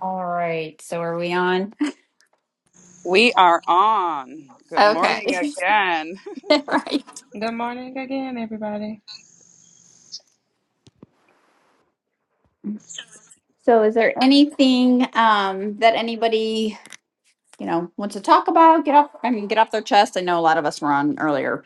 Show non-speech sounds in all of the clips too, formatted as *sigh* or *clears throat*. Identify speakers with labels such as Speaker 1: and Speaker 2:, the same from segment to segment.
Speaker 1: All right. So are we on? *laughs*
Speaker 2: We are on. Good
Speaker 1: Okay.
Speaker 2: morning again. *laughs*
Speaker 1: *laughs* right.
Speaker 3: Good morning again, everybody.
Speaker 1: So is there anything um, that anybody you know wants to talk about? Get off. I mean, get off their chest. I know a lot of us were on earlier.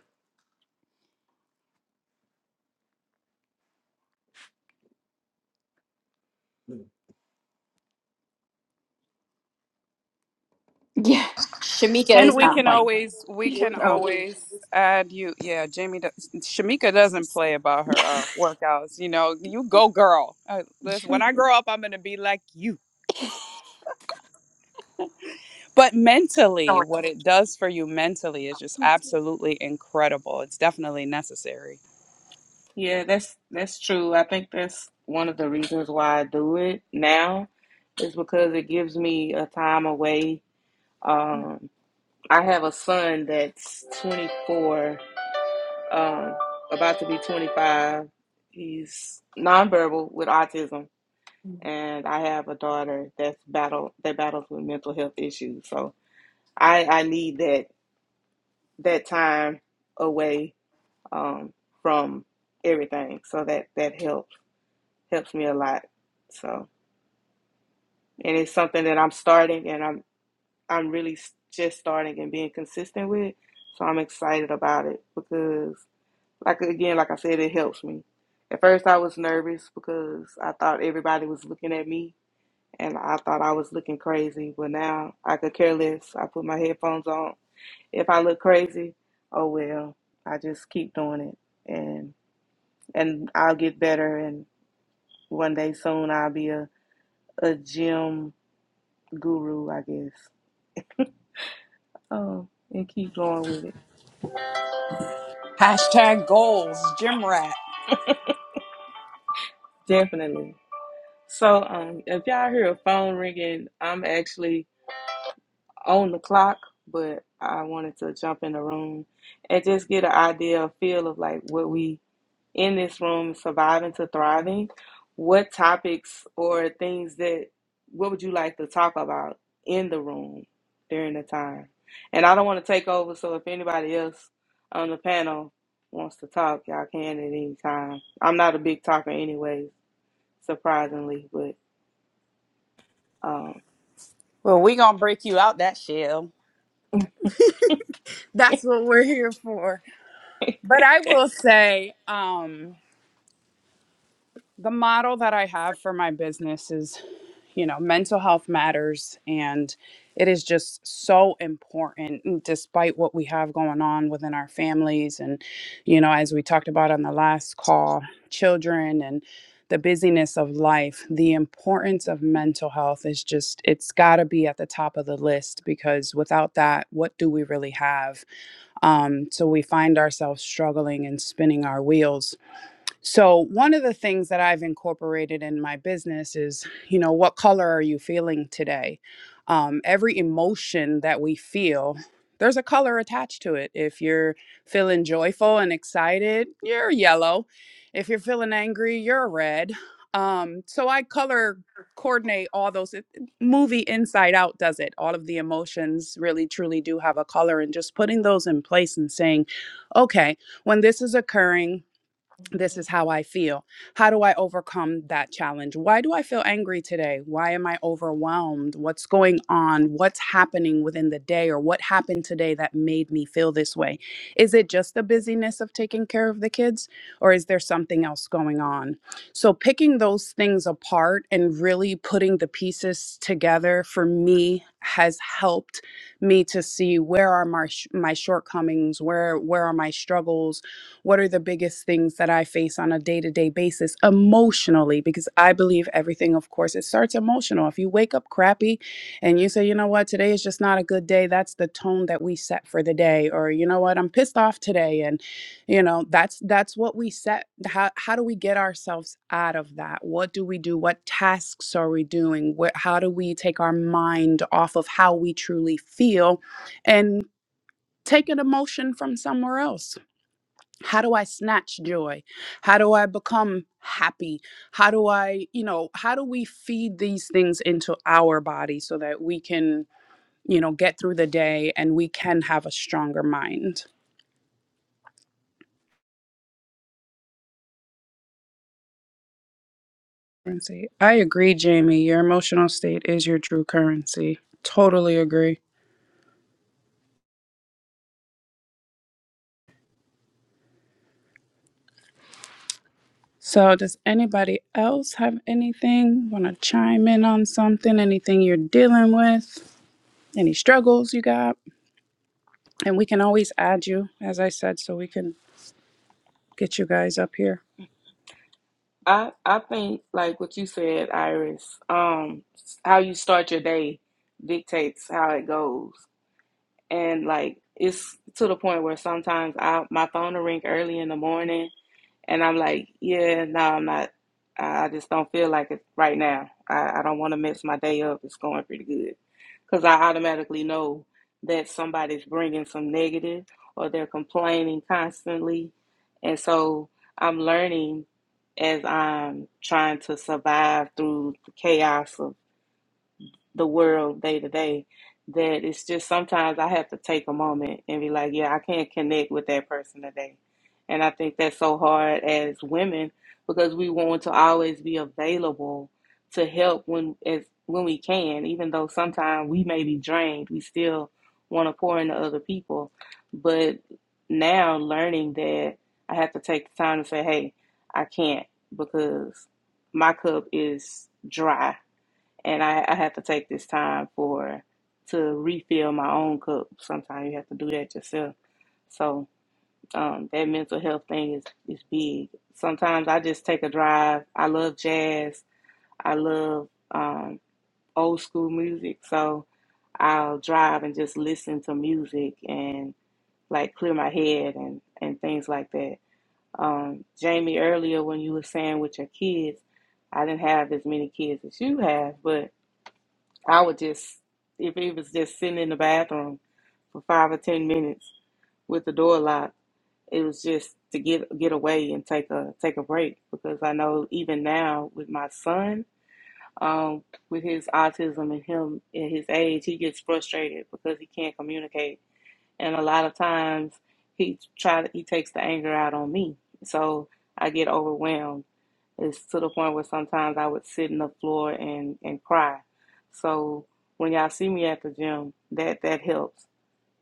Speaker 1: Yeah. Shamika
Speaker 2: And
Speaker 1: is
Speaker 2: we
Speaker 1: not
Speaker 2: can
Speaker 1: playing.
Speaker 2: always we can always add you. Yeah, Jamie does, Shamika doesn't play about her uh, workouts. You know, you go girl. Uh, listen, when I grow up, I'm gonna be like you. but mentally what it does for you mentally is just absolutely incredible it's definitely necessary
Speaker 3: Yeah, that's that's true. I think that's one of the reasons why I do it now is because it gives me a time away. Um, I have a son that's 24, um, about to be 25. He's nonverbal with autism, and I have a daughter that's battle that battles with mental health issues. So I I need that that time away um, from everything. So that that helps helps me a lot. So and it's something that I'm starting and I'm I'm really just starting and being consistent with. So I'm excited about it because like again, like I said, it helps me. At first I was nervous because I thought everybody was looking at me and I thought I was looking crazy, but now I could care less. I put my headphones on. If I look crazy, oh well. I just keep doing it and and I'll get better and. One day soon I'll be a, a gym guru, I guess. Um, and keep going with it.
Speaker 2: Ha-
Speaker 3: Definitely. So, um, if y'all hear a phone ringing, I'm actually on the clock, but I wanted to jump in the room and just get an idea, a feel of like what we in this room, Surviving to Thriving, what topics or things that, what would you like to talk about in the room during the time? And I don't want to take over, so if anybody else on the panel wants to talk, y'all can at any time. I'm not a big talker anyway, surprisingly, but um,
Speaker 2: well we gonna break you out that shell that's what we're here for but i will say um the model that I have for my business is, you know, mental health matters and it is just so important mm, despite what we have going on within our families and you know as we talked about on the last call children and the busyness of life the importance of mental health is just it's got to be at the top of the list because without that what do we really have um, so we find ourselves struggling and spinning our wheels so, one of the things that I've incorporated in my business is, you know, what color are you feeling today? Um, every emotion that we feel, there's a color attached to it. If you're feeling joyful and excited, you're yellow. If you're feeling angry, you're red. Um, so, I color coordinate all those. it- Movie Inside Out does it. All of the emotions really, truly do have a color. And just putting those in place and saying, okay, when this is occurring, this is how I feel. How do I overcome that challenge? Why do I feel angry today? Why am I overwhelmed? What's going on? What's happening within the day or what happened today that made me feel this way? Is it just the busyness of taking care of the kids or is there something else going on? So, picking those things apart and really putting the pieces together for me has helped me to see where are my sh- my shortcomings where where are my struggles what are the biggest things that I face on a day to day basis emotionally? Because I believe everything, of course, it starts emotional. If you wake up crappy and you say, you know what, today is just not a good day, that's the tone that we set for the day. Or, you know what, I'm pissed off today. And, you know, that's that's what we set. How, how do we get ourselves out of that? What do we do? What tasks are we doing? What, how do we take our mind off of how we truly feel and take an emotion from somewhere else? how do i snatch joy how do i become happy how do i you know how do we feed these things into our body so that we can you know get through the day and we can have a stronger mind currency i agree jamie your emotional state is your true currency totally agree so does anybody else have anything want to chime in on something anything you're dealing with any struggles you got and we can always add you as i said so we can get you guys up here.
Speaker 3: I, I think like what you said, Iris, um, how you start your day dictates how it goes. and like it's to the point where sometimes I my phone will ring early in the morning, and I'm like, yeah, no, I'm not. I just don't feel like it right now. I, I don't want to mess my day up. It's going pretty good, because I automatically know that somebody's bringing some negative or they're complaining constantly, and so I'm learning as I'm trying to survive through the chaos of the world day to day that it's just sometimes I have to take a moment and be like, yeah, I can't connect with that person today. And I think that's so hard as women because we want to always be available to help when as when we can, even though sometimes we may be drained, we still want to pour into other people. But now learning that I have to take the time to say, hey, I can't because my cup is dry and I, I have to take this time for to refill my own cup. Sometimes you have to do that yourself. So um, that mental health thing is is big. Sometimes I just take a drive. I love jazz. I love um, old school music. So I'll drive and just listen to music and like clear my head and and things like that. Um, Jamie, earlier when you were saying with your kids, I didn't have as many kids as you have, but I would just, if it was just sitting in the bathroom for five or ten minutes with the door locked, it was just to get get away and take a take a break because I know even now with my son, um, with his autism and him at his age, he gets frustrated because he can't communicate, and a lot of times he try he takes the anger out on me, so I get overwhelmed it's to the point where sometimes I would sit on the floor and, and cry. So when y'all see me at the gym, that that helps.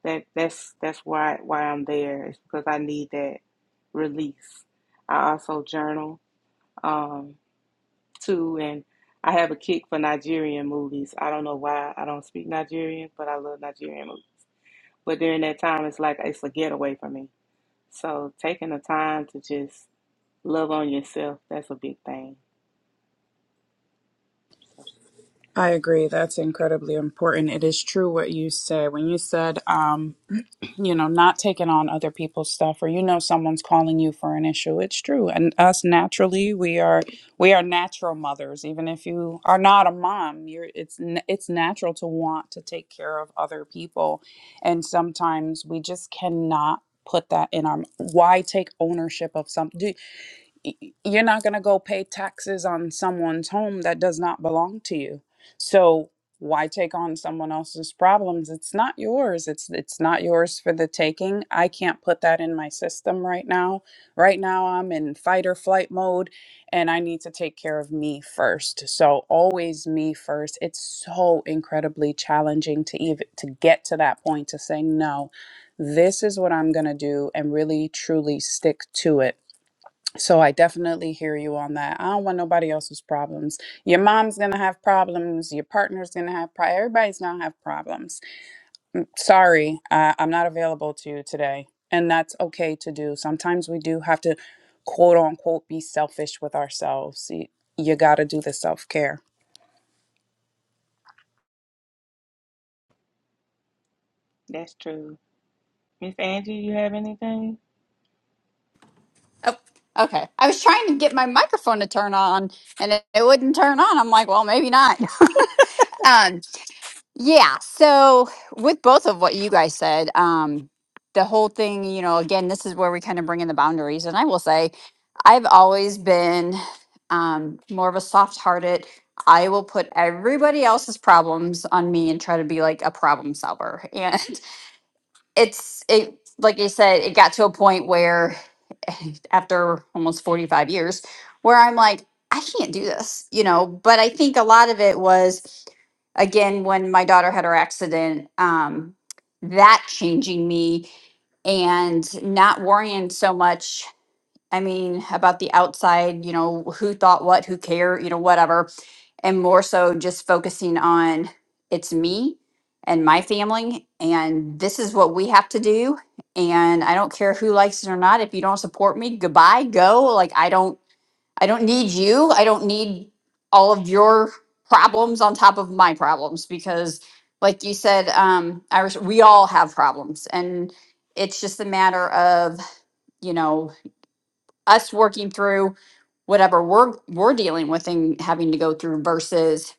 Speaker 3: That that's that's why why I'm there. It's because I need that release. I also journal um, too, and I have a kick for Nigerian movies. I don't know why I don't speak Nigerian, but I love Nigerian movies. But during that time, it's like it's a getaway for me. So taking the time to just love on yourself, that's a big thing. So
Speaker 2: I agree. That's incredibly important. It is true what you said. When you said, um, you know, not taking on other people's stuff, or you know, someone's calling you for an issue. It's true. And us naturally, we are we are natural mothers. Even if you are not a mom, you're it's n- it's natural to want to take care of other people, and sometimes we just cannot put that in our. Why take ownership of something? you're not going to go pay taxes on someone's home that does not belong to you. So why take on someone else's problems? It's not yours. It's it's not yours for the taking. I can't put that in my system right now. Right now I'm in fight or flight mode and I need to take care of me first. So always me first. It's so incredibly challenging to even to get to that point to say no. This is what I'm going to do and really truly stick to it so I definitely hear you on that. I don't want nobody else's problems. Your mom's gonna have problems. Your partner's gonna have problems. Everybody's gonna have problems. Sorry, uh, I'm not available to you today, and that's okay to do. Sometimes we do have to, quote unquote, be selfish with ourselves. You, you got to do the self care.
Speaker 3: that's true. Miss Angie, you have anything?
Speaker 1: Oh, okay. I was trying to get my microphone to turn on, and it, it wouldn't turn on. I'm like, well, maybe not. *laughs* Yeah. So with both of what you guys said, um, the whole thing, you know, again, this is where we kind of bring in the boundaries. And I will say, I've always been um, more of a soft-hearted. I will put everybody else's problems on me and try to be like a problem solver. *laughs* it's it like I said, it got to a point where *laughs* after almost 45 years where I'm like, I can't do this, you know. But I think a lot of it was again when my daughter had her accident, um, that changing me and not worrying so much. I mean, about the outside, you know, who thought what, who care, you know, whatever. And more so just focusing on it's me and my family, and this is what we have to do. And I don't care who likes it or not. If you don't support me, goodbye, go. Like, I don't, I don't need you. I don't need all of your problems on top of my problems because, like you said, um, Iris, we all have problems. And it's just a matter of, you know, us working through whatever we're we're dealing with and having to go through versus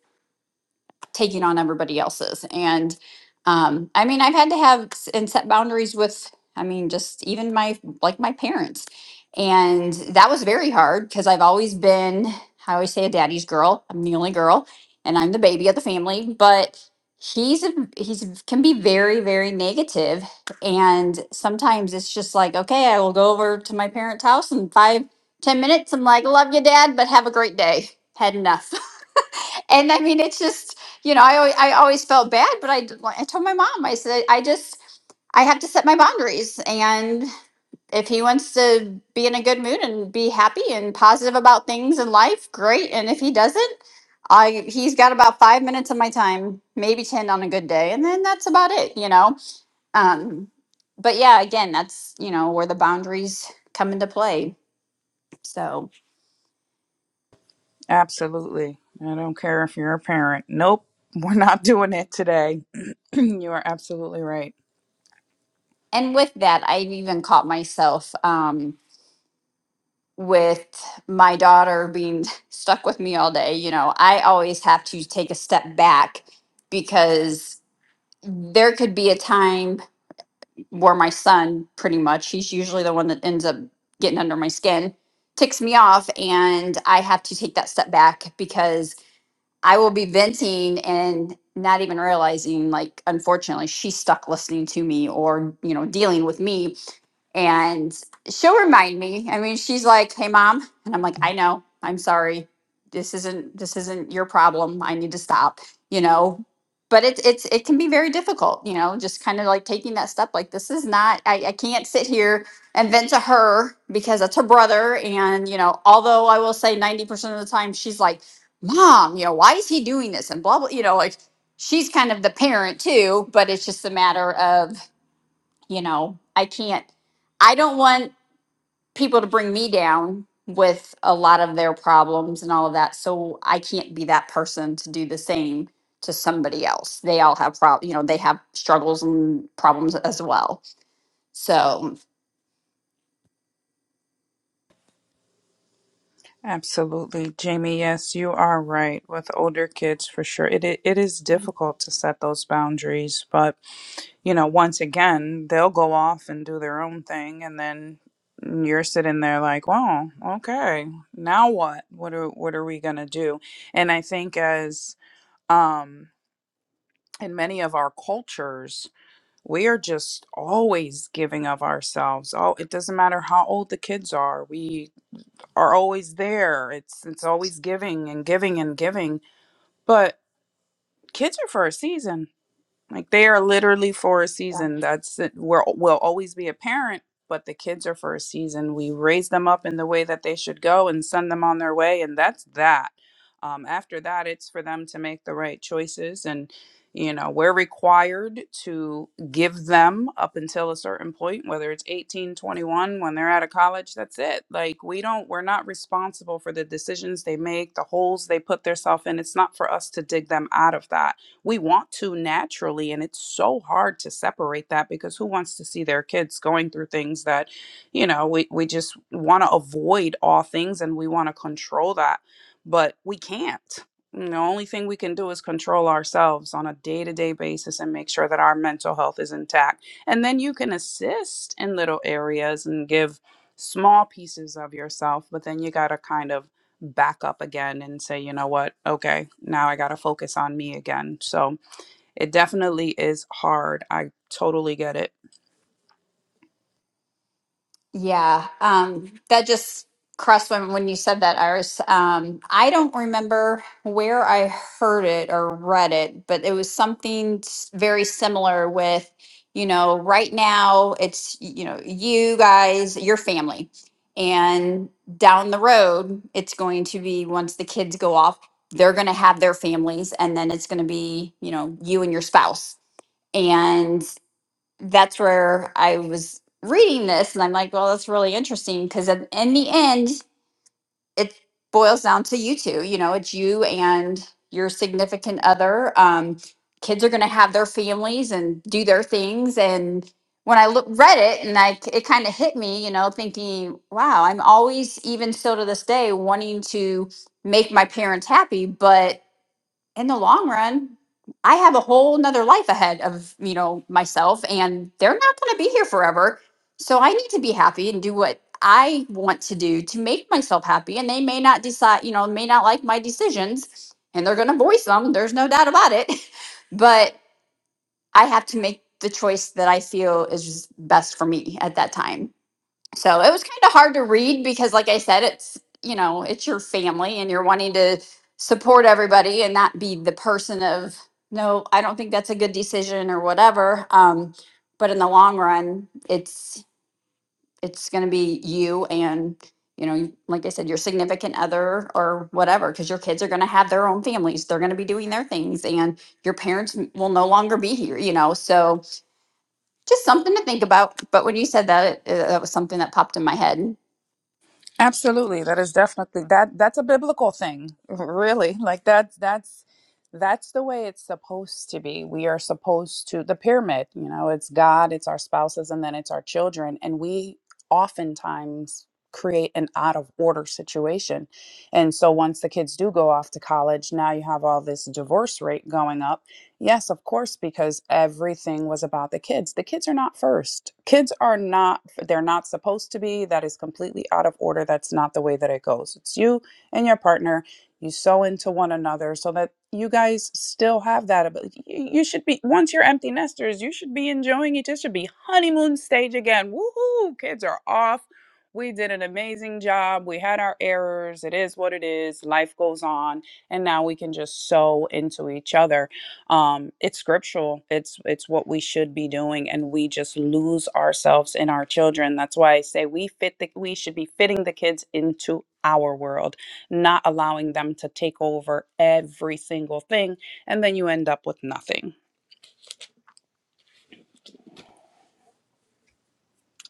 Speaker 1: taking on everybody else's. And um, I mean, I've had to have s- and set boundaries with, I mean, just even my like my parents, and that was very hard because I've always been, I always say, a daddy's girl. I'm the only girl, and I'm the baby of the family, but. He's a, he's can be very very negative and sometimes it's just like okay I will go over to my parents' house in five ten minutes I'm like love you dad but have a great day had enough *laughs* and I mean, it's just you know, I always, I always felt bad, but I d- I told my mom, I said, I just I have to set my boundaries, and if he wants to be in a good mood and be happy and positive about things in life, great. And if he doesn't, I he's got about five minutes of my time, maybe ten on a good day, and then that's about it, you know. Um, but yeah, again, that's you know where the boundaries come into play. So,
Speaker 2: Absolutely. I don't care if you're a parent. Nope, *laughs* we're not doing it today. *clears throat* you are absolutely right.
Speaker 1: and with that, I've even caught myself. Um, with my daughter being *laughs* stuck with me all day, you know, I always have to take a step back because there could be a time where my son, pretty much, he's usually the one that ends up getting under my skin, ticks me off. And I have to take that step back because I will be venting and not even realizing, like, unfortunately, she's stuck listening to me or, you know, dealing with me. And she'll remind me. I mean, she's like, hey, mom. And I'm like, I know. I'm sorry. This isn't this isn't your problem. I need to stop, you know. But it's it's it can be very difficult, you know, just kind of like taking that step like this is not I, I can't sit here and vent to her because that's her brother. And, you know, although I will say 90% of the time she's like mom, you know, why is he doing this? And blah, blah, you know, like she's kind of the parent too, but it's just a matter of, you know, I can't, I don't want people to bring me down with a lot of their problems and all of that. So I can't be that person to do the same to somebody else. They all have problems, you know, they have struggles and problems as well. So,
Speaker 2: Absolutely, Jamie. Yes, you are right. With older kids, for sure, it it it is difficult to set those boundaries. But you know, once again, they'll go off and do their own thing, and then you're sitting there like, "Well, okay, now what? What are what are we gonna do?" And I think as um in many of our cultures, we are just always giving of ourselves. Oh, it doesn't matter how old the kids are. We are always there. It's it's always giving and giving and giving. But kids are for a season. Like they are literally for a season. That's it. We're, we'll always be a parent, but the kids are for a season. We raise them up in the way that they should go and send them on their way, and that's that. Um, after that, it's for them to make the right choices, and you know we're required to give them up until a certain point, whether it's 18, 21, when they're out of college. That's it. Like we don't, we're not responsible for the decisions they make, the holes they put themselves in. It's not for us to dig them out of that we want to naturally and it's so hard to separate that because who wants to see their kids going through things that you know we, we just want to avoid all things and we want to control that but we can't And the only thing we can do is control ourselves on a day-to-day basis and make sure that our mental health is intact and then you can assist in little areas and give small pieces of yourself but then you got to kind of back up again and say, you know what, okay, now I got to focus on me again. So it definitely is hard. I totally get it.
Speaker 1: Yeah, um, that just crossed my mind when you said that, Iris. Um, I don't remember where I heard it or read it, but it was something s- very similar with, you know, right now it's, y- you know, you guys, your family, and down the road, it's going to be once the kids go off, they're going to have their families, and then it's going to be, you know, you and your spouse that's where I was reading this, and I'm like, well, that's really interesting because in in the end, it boils down to you two. You know, it's you and your significant other. Um, kids are going to have their families and do their things. And when I look, read it, and I it kind of hit me, you know, thinking, wow, I'm always, even still to this day, wanting to make my parents happy, but in the long run, I have a whole nother life ahead of, you know, myself and they're not going to be here forever. So I need to be happy and do what I want to do to make myself happy. And they may not decide, you know, may not like my decisions and they're going to voice them. There's no doubt about it. *laughs* But I have to make the choice that I feel is best for me at that time. So it was kind of hard to read because, like I said, it's, you know, it's your family and you're wanting to support everybody and not be the person of, no, I don't think that's a good decision or whatever. Um, but in the long run, it's, it's going to be you and, you know, you- like I said, your significant other or whatever, because your kids are going to have their own families. They're going to be doing their things and your parents m- will no longer be here, you know? So just something to think about. But when you said that, it, it- that was something that popped in my head.
Speaker 2: Absolutely. That is definitely that that's a biblical thing. *laughs* Really. Like that's that's that's the way it's supposed to be. We are supposed to the pyramid, you know, it's God, it's our spouses and then it's our children and we oftentimes create an out of order situation. And so once the kids do go off to college, now you have all this divorce rate going up Yes, of course, because everything was about the kids. The kids are not first. Kids are not, they're not supposed to be. That is completely out of order. That's not the way that it goes. It's you and your partner. You sew into one another so that you guys still have that ability. You you should be, once you're empty nesters, you should be enjoying each. It should be honeymoon stage again. Woohoo! Kids are off. We did an amazing job. We had our errors. It is what it is. Life goes on. And now we can just sew into each other um it's scriptural it's it's what we should be doing and we just lose ourselves in our children that's why i say we fit the we should be fitting the kids into our world not allowing them to take over every single thing and then you end up with nothing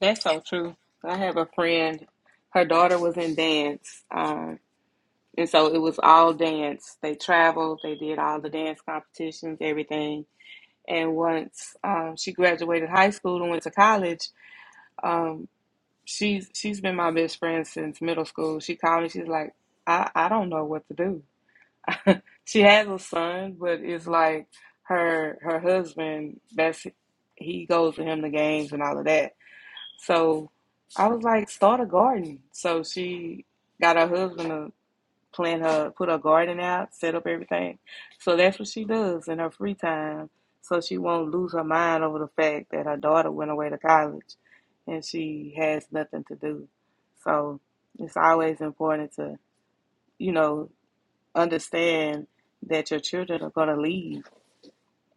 Speaker 3: That's so true. I have a friend, her daughter was in dance, uh, and so it was all dance. They traveled, they did all the dance competitions, everything. And once um, she graduated high school and went to college, um, she's she's been my best friend since middle school. She called me, she's like, I, I don't know what to do. *laughs* She has a son, but it's like her her husband, that's he goes to him the games and all of that So I was like, start a garden. So she got her husband to plant her, put her garden out, set up everything. So that's what she does in her free time. So she won't lose her mind over the fact that her daughter went away to college and she has nothing to do. So it's always important to, you know, understand that your children are going to leave.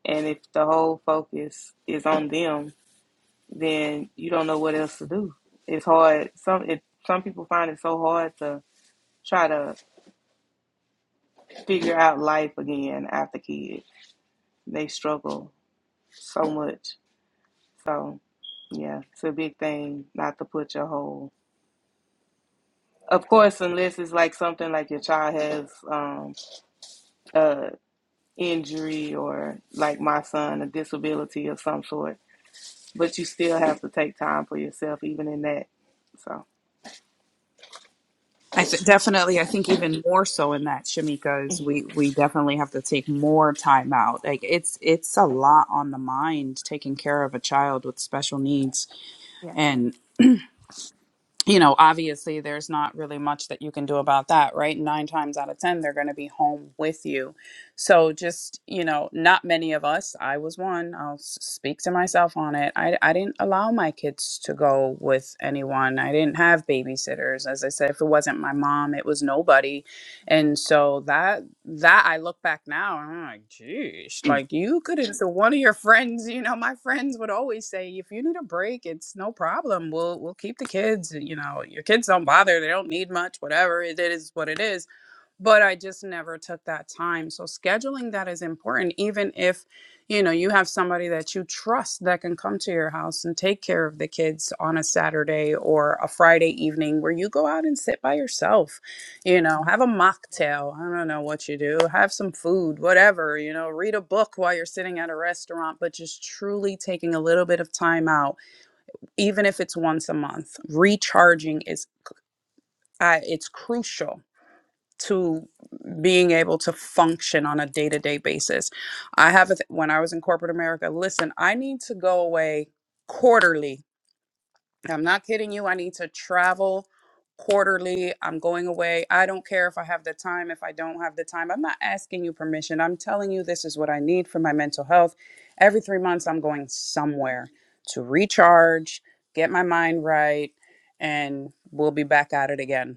Speaker 3: And if the whole focus is on them, then you don't know what else to do. It's hard. Some it, some people find it so hard to try to figure out life again after kids. They struggle so much. So yeah, it's a big thing not to put your whole. Of course, unless it's like something like your child has um, a injury or like my son a disability of some sort, but you still have to take time for yourself even in that. So
Speaker 2: I th- definitely, I think even more so in that, Shamika, is we we definitely have to take more time out. Like it's it's a lot on the mind taking care of a child with special needs, you know, obviously there's not really much that you can do about that, right? Nine times out of 10, they're going to be home with you. So just, you know, not many of us, I was one, I'll s- speak to myself on it. I, I didn't allow my kids to go with anyone. I didn't have babysitters. As I said, if it wasn't my mom, it was nobody and so that that I look back now and I'm like, geez, like you could not so one of your friends, you know, my friends would always say, if you need a break, it's no problem. We'll we'll keep the kids. You know, your kids don't bother. They don't need much, whatever. It is what it is but I just never took that time. So scheduling that is important even if you know you have somebody that you trust that can come to your house and take care of the kids on a Saturday or a Friday evening where you go out and sit by yourself, you know, have a mocktail, I don't know what you do, have some food, whatever, you know, read a book while you're sitting at a restaurant, but just truly taking a little bit of time out, even if it's once a month. Recharging is uh, it's crucial to being able to function on a day-to-day basis. I have a th- when I was in corporate America, listen, I need to go away quarterly. I'm not kidding you. I need to travel quarterly. I'm going away. I don't care if I have the time, if I don't have the time. I'm not asking you permission. I'm telling you this is what I need for my mental health. Every 3 months I'm going somewhere to recharge, get my mind right, and we'll be back at it again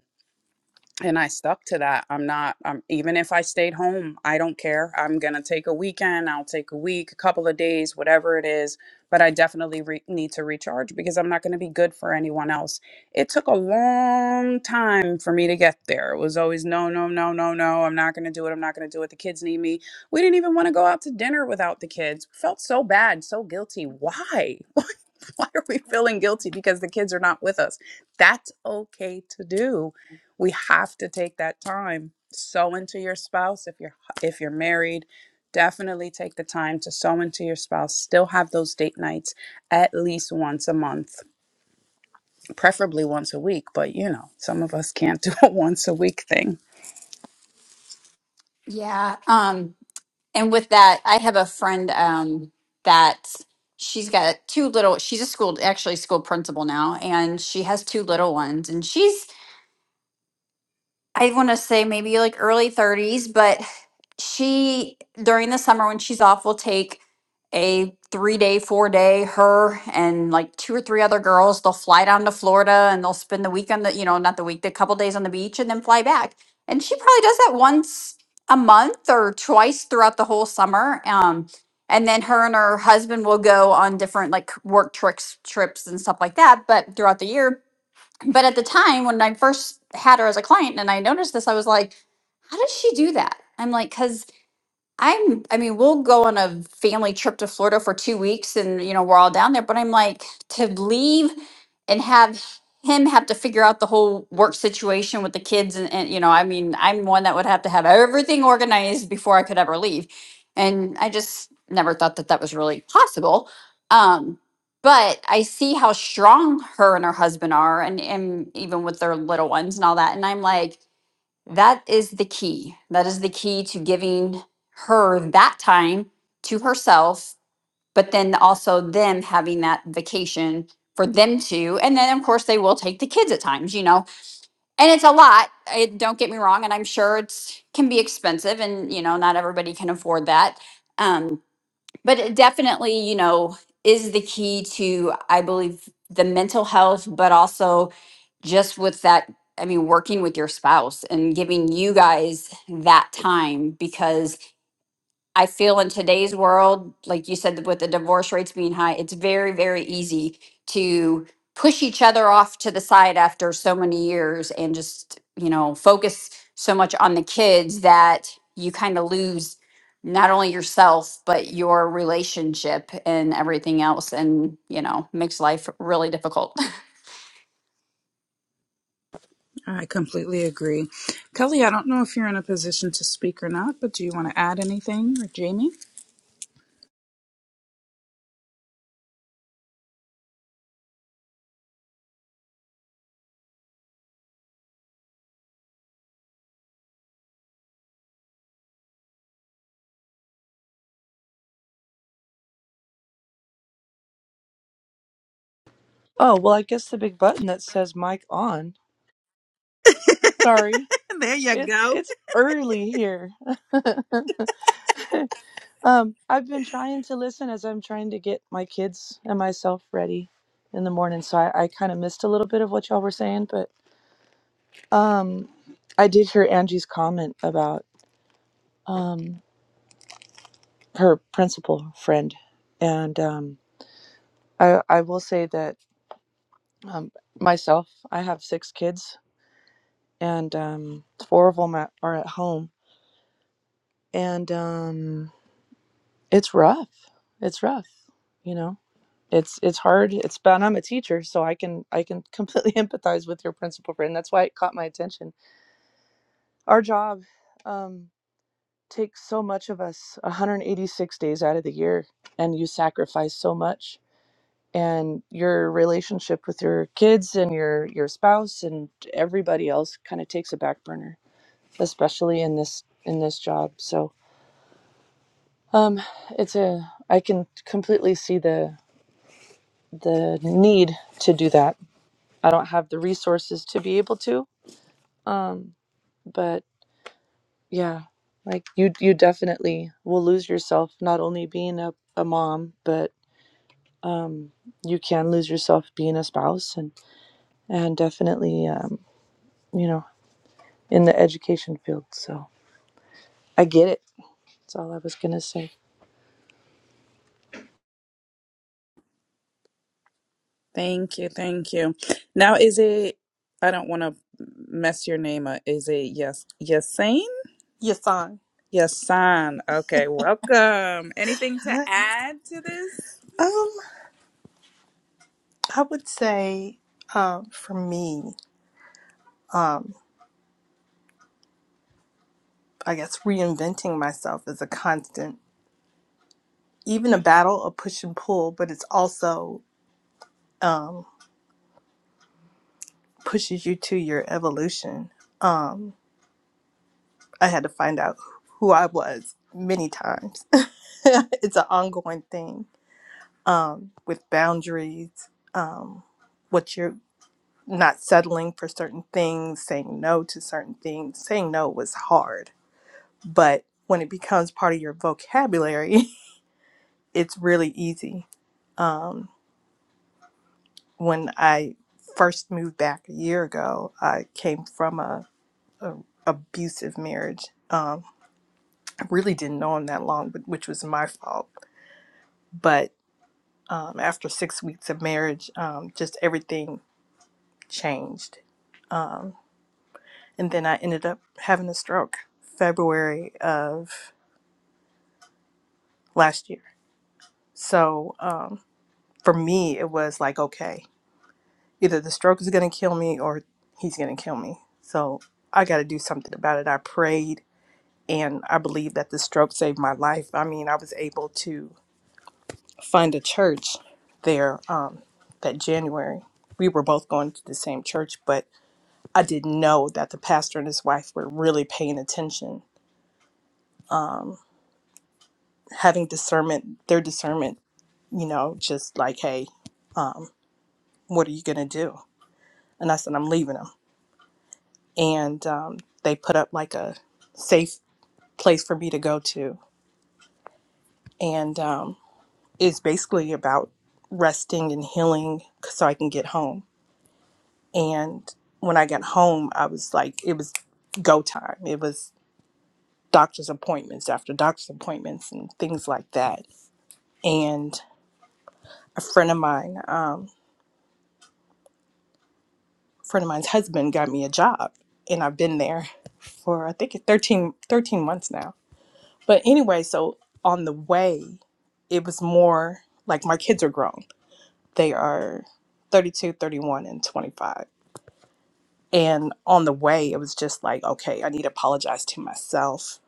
Speaker 2: and I stuck to that. I'm not, um, even if I stayed home, I don't care. I'm going to take a weekend, I'll take a week, a couple of days, whatever it is. But I definitely re- need to recharge because I'm not going to be good for anyone else. It took a long time for me to get there. It was always no, no, no, no, no. I'm not going to do it. I'm not going to do it. The kids need me. We didn't even want to go out to dinner without the kids. Felt so bad, so guilty. Why? *laughs* Why are we feeling guilty because the kids are not with us? That's okay to do we have to take that time sow into your spouse if you're if you're married definitely take the time to sow into your spouse still have those date nights at least once a month preferably once a week but you know some of us can't *laughs* do a once a week thing
Speaker 1: Yeah. Um, and with that, I have a friend um, that she's got two little, she's a school, actually school principal now, and she has two little ones. And she's I want to say maybe like early 30s, but she during the summer when she's off will take a three day, four day, her and like two or three other girls. They'll fly down to Florida and they'll spend the week on the, you know, not the week, the couple days on the beach and then fly back. And she probably does that once a month or twice throughout the whole summer. Um, and then her and her husband will go on different like work tricks, trips and stuff like that, but throughout the year but at the time when I first had her as a client and I noticed this, I was like, how does she do that? I'm like, because I'm, I mean, we'll go on a family trip to Florida for two weeks and, you know, we're all down there. But I'm like, to leave and have him have to figure out the whole work situation with the kids. And, and, you know, I mean, I'm one that would have to have everything organized before I could ever leave. And I just never thought that that was really possible. Um, but I see how strong her and her husband are, and, and even with their little ones and all that. And I'm like, that is the key. That is the key to giving her that time to herself, but then also them having that vacation for them too. And then, of course, they will take the kids at times, you know. And it's a lot. I, don't get me wrong. And I'm sure it's can be expensive and, you know, not everybody can afford that. Um, but it definitely, you know, is the key to, I believe, the mental health, but also just with that i mean working with your spouse and giving you guys that time because i feel in today's world like you said with the divorce rates being high it's very very easy to push each other off to the side after so many years and just you know focus so much on the kids that you kind of lose not only yourself but your relationship and everything else and you know makes life really difficult *laughs*
Speaker 2: i completely agree kelly i don't know if you're in a position to speak or not but do you want to add anything or jamie *laughs*
Speaker 4: Oh, well, I guess the big button that says mic on. Sorry.
Speaker 2: There you
Speaker 4: It
Speaker 2: go.
Speaker 4: it's early here. *laughs* um, I've been trying to listen as I'm trying to get my kids and myself ready in the morning, so I, I kind of missed a little bit of what y'all were saying, but um I did hear Angie's comment about um her principal friend and um I I will say that um myself, I have six kids and um four of them are are at home and um, it's rough. It's rough. You know, it's it's hard. It's but I'm a teacher, so I can I can completely *laughs* empathize with your principal friend. That's why it caught my attention. Our job um, takes so much of us, 186 days out of the year, and you sacrifice so much. And your relationship with your kids and your your spouse and everybody else kind of takes a back burner, especially in this in this job. So Um, it's a I can completely see the the need to do that. I don't have the resources to be able to. Um, but yeah, like you you definitely will lose yourself not only being a, a mom, but um you can lose yourself being a spouse and and definitely um, you know, in the education field. So I get it. That's all I was gonna say.
Speaker 2: thank you thank you now is it i don't want to mess your name up is it yes yes
Speaker 5: Yes, I.
Speaker 2: Yes, son. Okay, welcome. Anything to
Speaker 5: I
Speaker 2: add to this?
Speaker 5: um I would say um for me, I guess reinventing myself is a constant, even a battle, a push and pull, but it's also um pushes you to your evolution. Um I had to find out who I was many times. *laughs* it's an ongoing thing. Um with boundaries, um what you're not settling for certain things, saying no to certain things. Saying no was hard but when it becomes part of your vocabulary, *laughs* it's really easy. Um, when I first moved back a year ago, I came from a, a abusive marriage. Um, I really didn't know him that long, but, which was my fault. But um, after six weeks of marriage, um, just everything changed, um, and then I ended up having a stroke February of last year. So um, for me, it was like okay. Either the stroke is going to kill me or he's going to kill me. So I got to do something about it. I prayed and I believe that the stroke saved my life. I mean, I was able to find a church there um, that January. We were both going to the same church, but I didn't know that the pastor and his wife were really paying attention, having discernment, their discernment, you know, just like, hey, um, what are you going to do? And I said, I'm leaving him. And um, they put up like a safe place for me to go to. And um, it's basically about resting and healing so I can get home. And when I got home, I was like, it was go time. It was doctor's appointments after doctor's appointments and things like that. And a friend of mine, um, a friend of mine's husband got me a job. And I've been there for, I think, 13, 13 months now. But anyway, so on the way, it was more like my kids are grown They are 32, 31, and 25. And on the way, it was just like, okay, I need to apologize to myself,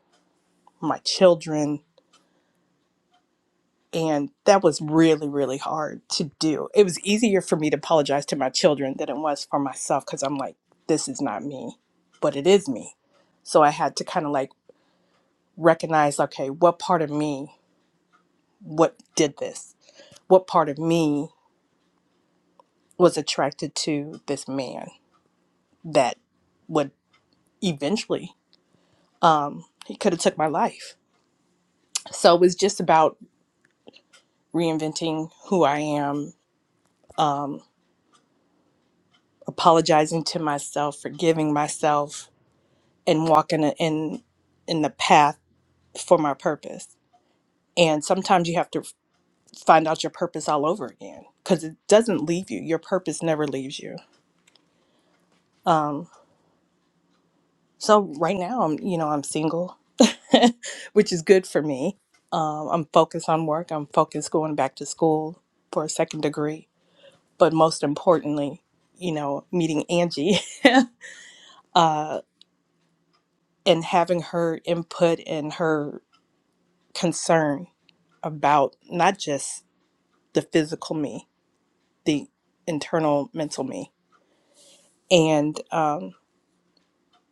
Speaker 5: my children. And that was really, really hard to do. It was easier for me to apologize to my children than it was for myself because I'm like, this is not me, but it is me. So I had to kind of like recognize, okay, what part of me, what did this? What part of me was attracted to this man that would eventually um, he could have took my life so it was just about reinventing who i am um, apologizing to myself forgiving myself and walking in in the path for my purpose and sometimes you have to find out your purpose all over again because it doesn't leave you your purpose never leaves you um, so right now i'm you know i'm single *laughs* which is good for me um, i'm focused on work i'm focused going back to school for a second degree but most importantly, you know, meeting Angie *laughs* uh, and having her input and her concern about not just the physical me, the internal mental me. And um,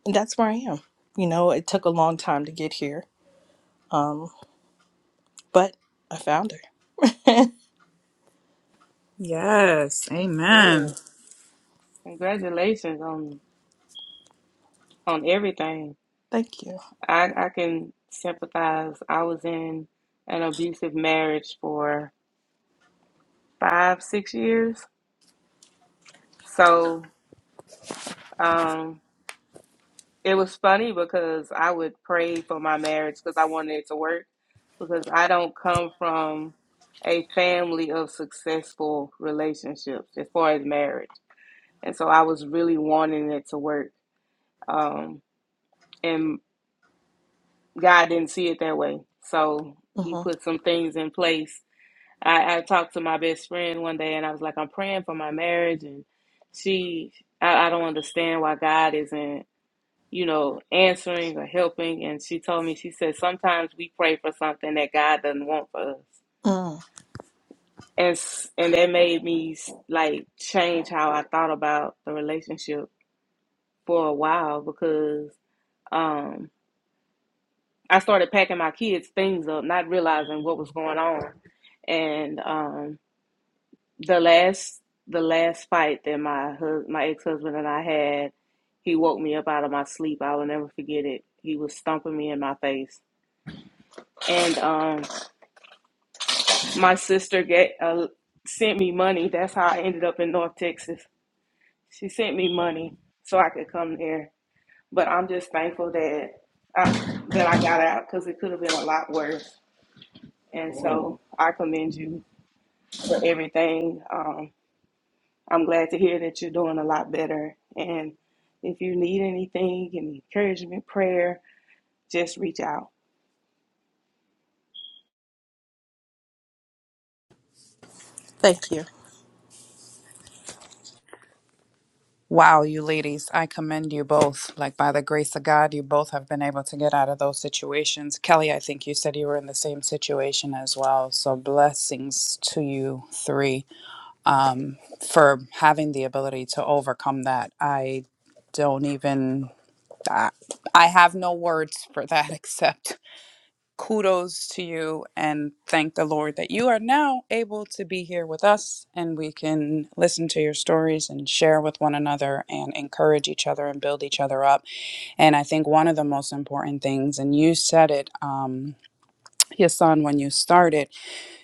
Speaker 5: that's where I am. You know, it took a long time to get here, um, but I found her.
Speaker 2: Yes,
Speaker 3: good.
Speaker 2: amen.
Speaker 3: Congratulations on on everything.
Speaker 5: Thank you.
Speaker 3: I, I can sympathize. I was in an abusive marriage for five, six years. So um, it was funny because I would pray for my marriage because I wanted it to work. Because I don't come from a family of successful relationships as far as marriage. And so I was really wanting it to work. Um, and God didn't see it that way. So He
Speaker 5: hmm
Speaker 3: put some things in place I, I talked to my best friend one day and I was like, I'm praying for my marriage. And she, I, I don't understand why God isn't, you know, answering or helping. And she told me, she said, sometimes we pray for something that God doesn't want for us.
Speaker 5: Mm,
Speaker 3: And, s- and that made me like change how I thought about the relationship for a while because um, I started packing my kids' things up, not realizing what was going on. And, um, the last the last fight that my hus- my ex husband and I had, he woke me up out of my sleep. I will never forget it. He was stomping me in my face, and um, my sister get uh, sent me money. That's how I ended up in North Texas. She sent me money so I could come there. But I'm just thankful that I, that I got out because it could have been a lot worse. And so I commend you for everything. Um. I'm glad to hear that you're doing a lot better. And if you need anything, any encouragement, prayer, just reach out.
Speaker 5: thank you.
Speaker 2: Wow, you ladies, I commend you both. Like by the grace of God, you both have been able to get out of those situations. Kelly, I think you said you were in the same situation as well. So blessings to you three um, for having the ability to overcome that. I don't even. I I have no words for that *laughs* except kudos to you and thank the Lord that you are now able to be here with us and we can listen to your stories and share with one another and encourage each other and build each other up. And I think one of the most important things, and you said it, um, Hassan, when you started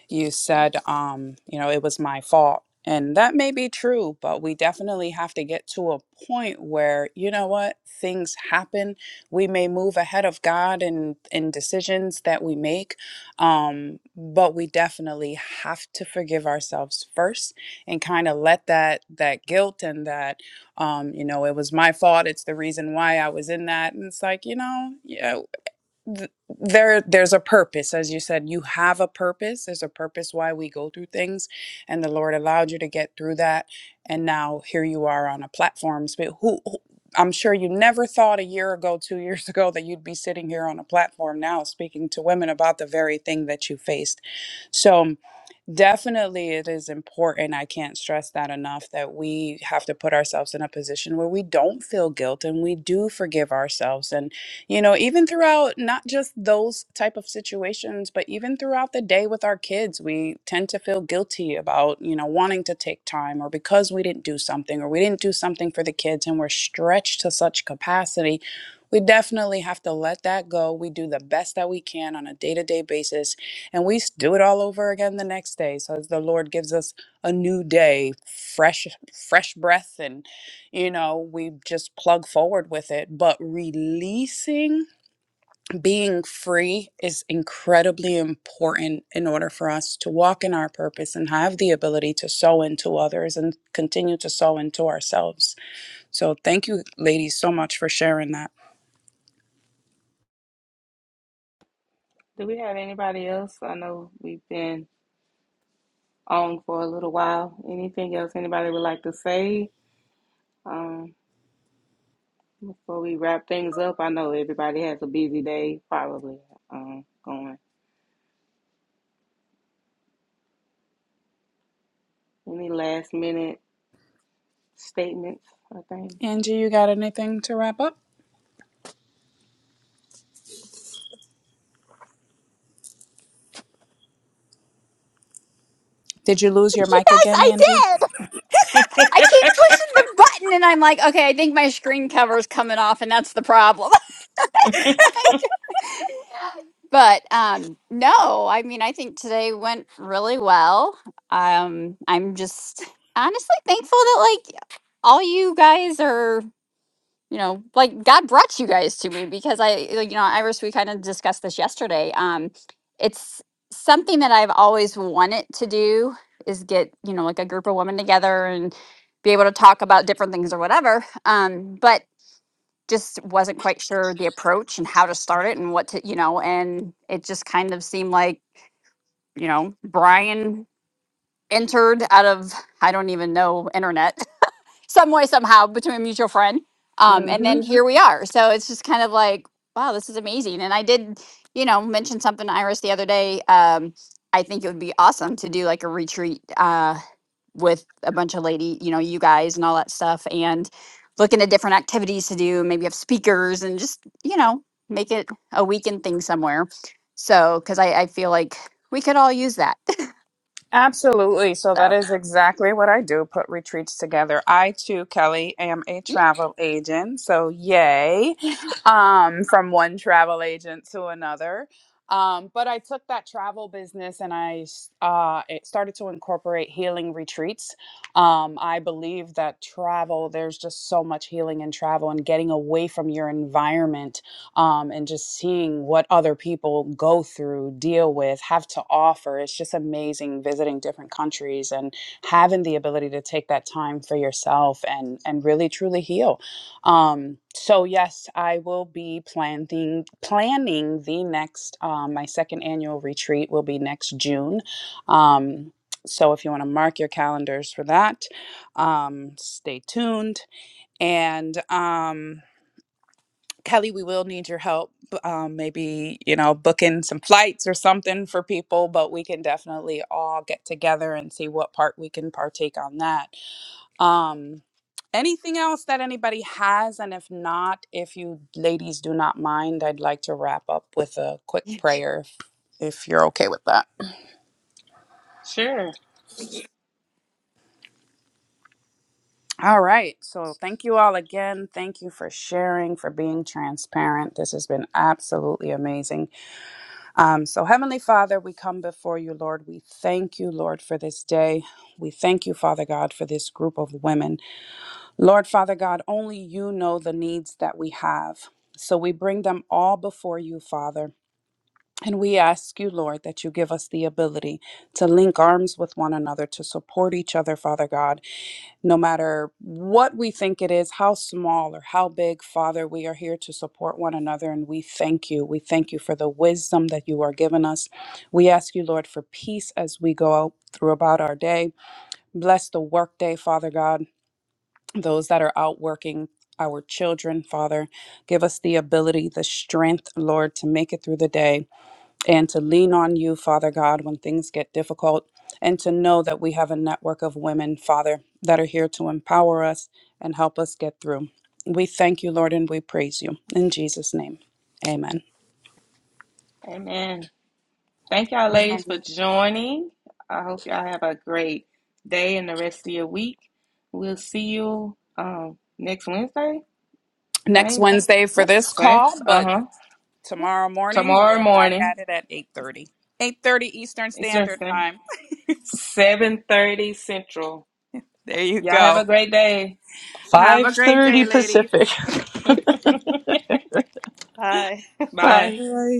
Speaker 2: you said um you know it was my fault and that may be true but we definitely have to get to a point where you know what things happen we may move ahead of god in in decisions that we make um but we definitely have to forgive ourselves first and kind of let that that guilt and that um you know it was my fault it's the reason why i was in that and it's like you know yeah th- there there's a purpose as you said you have a purpose there's a purpose why we go through things and the lord allowed you to get through that and now here you are on a platform sp- who, who i'm sure you never thought a year ago two *laughs* years ago that you'd be sitting here on a platform now speaking to women about the very thing that you faced so definitely it is important i can't stress that enough that we have to put ourselves in a position where we don't feel guilt and we do forgive ourselves and you know even throughout not just those type of situations but even throughout the day with our kids we tend to feel guilty about you know wanting to take time or because we didn't do something or we didn't do something for the kids and we're stretched to such capacity we definitely have to let that go we do the best that we can on a day-to-day basis and we s- do it all over again the next day so as the lord gives us a new day fresh fresh breath and you know, we just plug forward with it. But releasing, being free is incredibly important in order for us to walk in our purpose and have the ability to sow into others and continue to sow into ourselves. So, thank you, ladies, so much for sharing that.
Speaker 3: Do we have anybody else? I know we've been on for a little while. Anything else anybody would like to say um, before we wrap things up? I know everybody has a busy day, probably um, going. Any last minute statements? I think.
Speaker 2: Angie, you got anything to wrap up? Did you lose your mic
Speaker 1: yes
Speaker 2: again,
Speaker 1: i
Speaker 2: Angie?
Speaker 1: did I keep pushing the button and I'm like, okay, I think my screen cover is coming off and that's the problem. *laughs* like, but um no, I mean I think today went really well. Um I'm just honestly thankful that like all you guys are you know like god brought you guys to me because i like, you know iris we kind of discussed this yesterday um it's something that i've always wanted to do is get you know like a group of women together and be able to talk about different things or whatever um but just wasn't quite sure the approach and how to start it and what to you know and it just kind of seemed like you know brian entered out of i don't even know internet some way somehow between a mutual friend um and then here we are so it's just kind of like wow this is amazing and i did you know mention something to iris the other day um i think it would be awesome to do like a retreat uh with a bunch of lady you know you guys and all that stuff and look into different activities to do maybe have speakers and just you know make it a weekend thing somewhere so because I, I feel like we could all use that
Speaker 2: Absolutely. So
Speaker 1: *laughs*
Speaker 2: that
Speaker 1: so
Speaker 2: is exactly what I do put retreats together. I too, Kelly, am a travel agent. So yay.
Speaker 1: yeah. *laughs*
Speaker 2: Um, from one travel agent to another. Um, but I took that travel business and I uh, it started to incorporate healing retreats. Um, I believe that travel, there's just so much healing in travel and getting away from your environment um, and just seeing what other people go through, deal with, have to offer. It's just amazing visiting different countries and having the ability to take that time for yourself and and really truly heal. Um, so yes, I will be planning planning the next um, my second annual retreat will be next June. Um, so if you want to mark your calendars for that, um, stay tuned and. Um, Kelly, we will need your help. Um, maybe, you know, booking some flights or something for people, but we can definitely all get together and see what part we can partake on that. Um, anything else that anybody has? And if not, if you ladies do not mind, I'd like to wrap up with a quick prayer if, if you're okay with that.
Speaker 3: Sure.
Speaker 2: All right. So thank you all again. Thank you for sharing, for being transparent. This has been absolutely amazing. Um, so, Heavenly Father, we come before you, Lord. We thank you, Lord, for this day. We thank you, Father God, for this group of women. Lord, Father God, only you know the needs that we have. So, we bring them all before you, Father. And we ask you, Lord, that you give us the ability to link arms with one another, to support each other, Father God, no matter what we think it is, how small or how big, Father, we are here to support one another. And we thank you. We thank you for the wisdom that you are giving us. We ask you, Lord, for peace as we go out through about our day. Bless the workday, Father God, those that are out working. Our children, Father, give us the ability, the strength, Lord, to make it through the day and to lean on you, Father God, when things get difficult, and to know that we have a network of women, Father, that are here to empower us and help us get through. We thank you, Lord, and we praise you. In Jesus' name, amen.
Speaker 3: Amen. Thank y'all,
Speaker 1: And
Speaker 3: ladies, for
Speaker 1: then-
Speaker 3: joining. I hope y'all have a great day and the rest of your week. We'll see you um, next Wednesday,
Speaker 2: Next
Speaker 3: same time,
Speaker 2: Wednesday for
Speaker 1: Yep.
Speaker 2: this
Speaker 3: same.
Speaker 2: call,
Speaker 3: Uh
Speaker 2: but
Speaker 3: huh.
Speaker 1: yeah.
Speaker 2: tomorrow morning we
Speaker 3: Tomorrow
Speaker 2: are back
Speaker 3: morning,
Speaker 2: at it at 8.30. 8.30 Eastern
Speaker 3: Eastern
Speaker 2: Standard
Speaker 3: Standard,
Speaker 2: Time.
Speaker 3: seven thirty Central.
Speaker 2: There you
Speaker 3: Y'all have
Speaker 2: go.
Speaker 3: a great day.
Speaker 2: Have
Speaker 4: Five
Speaker 2: a great
Speaker 4: thirty
Speaker 2: day, ladies.
Speaker 4: Pacific. *laughs*
Speaker 5: Hi.
Speaker 3: Bye.
Speaker 4: Bye.
Speaker 2: Bye.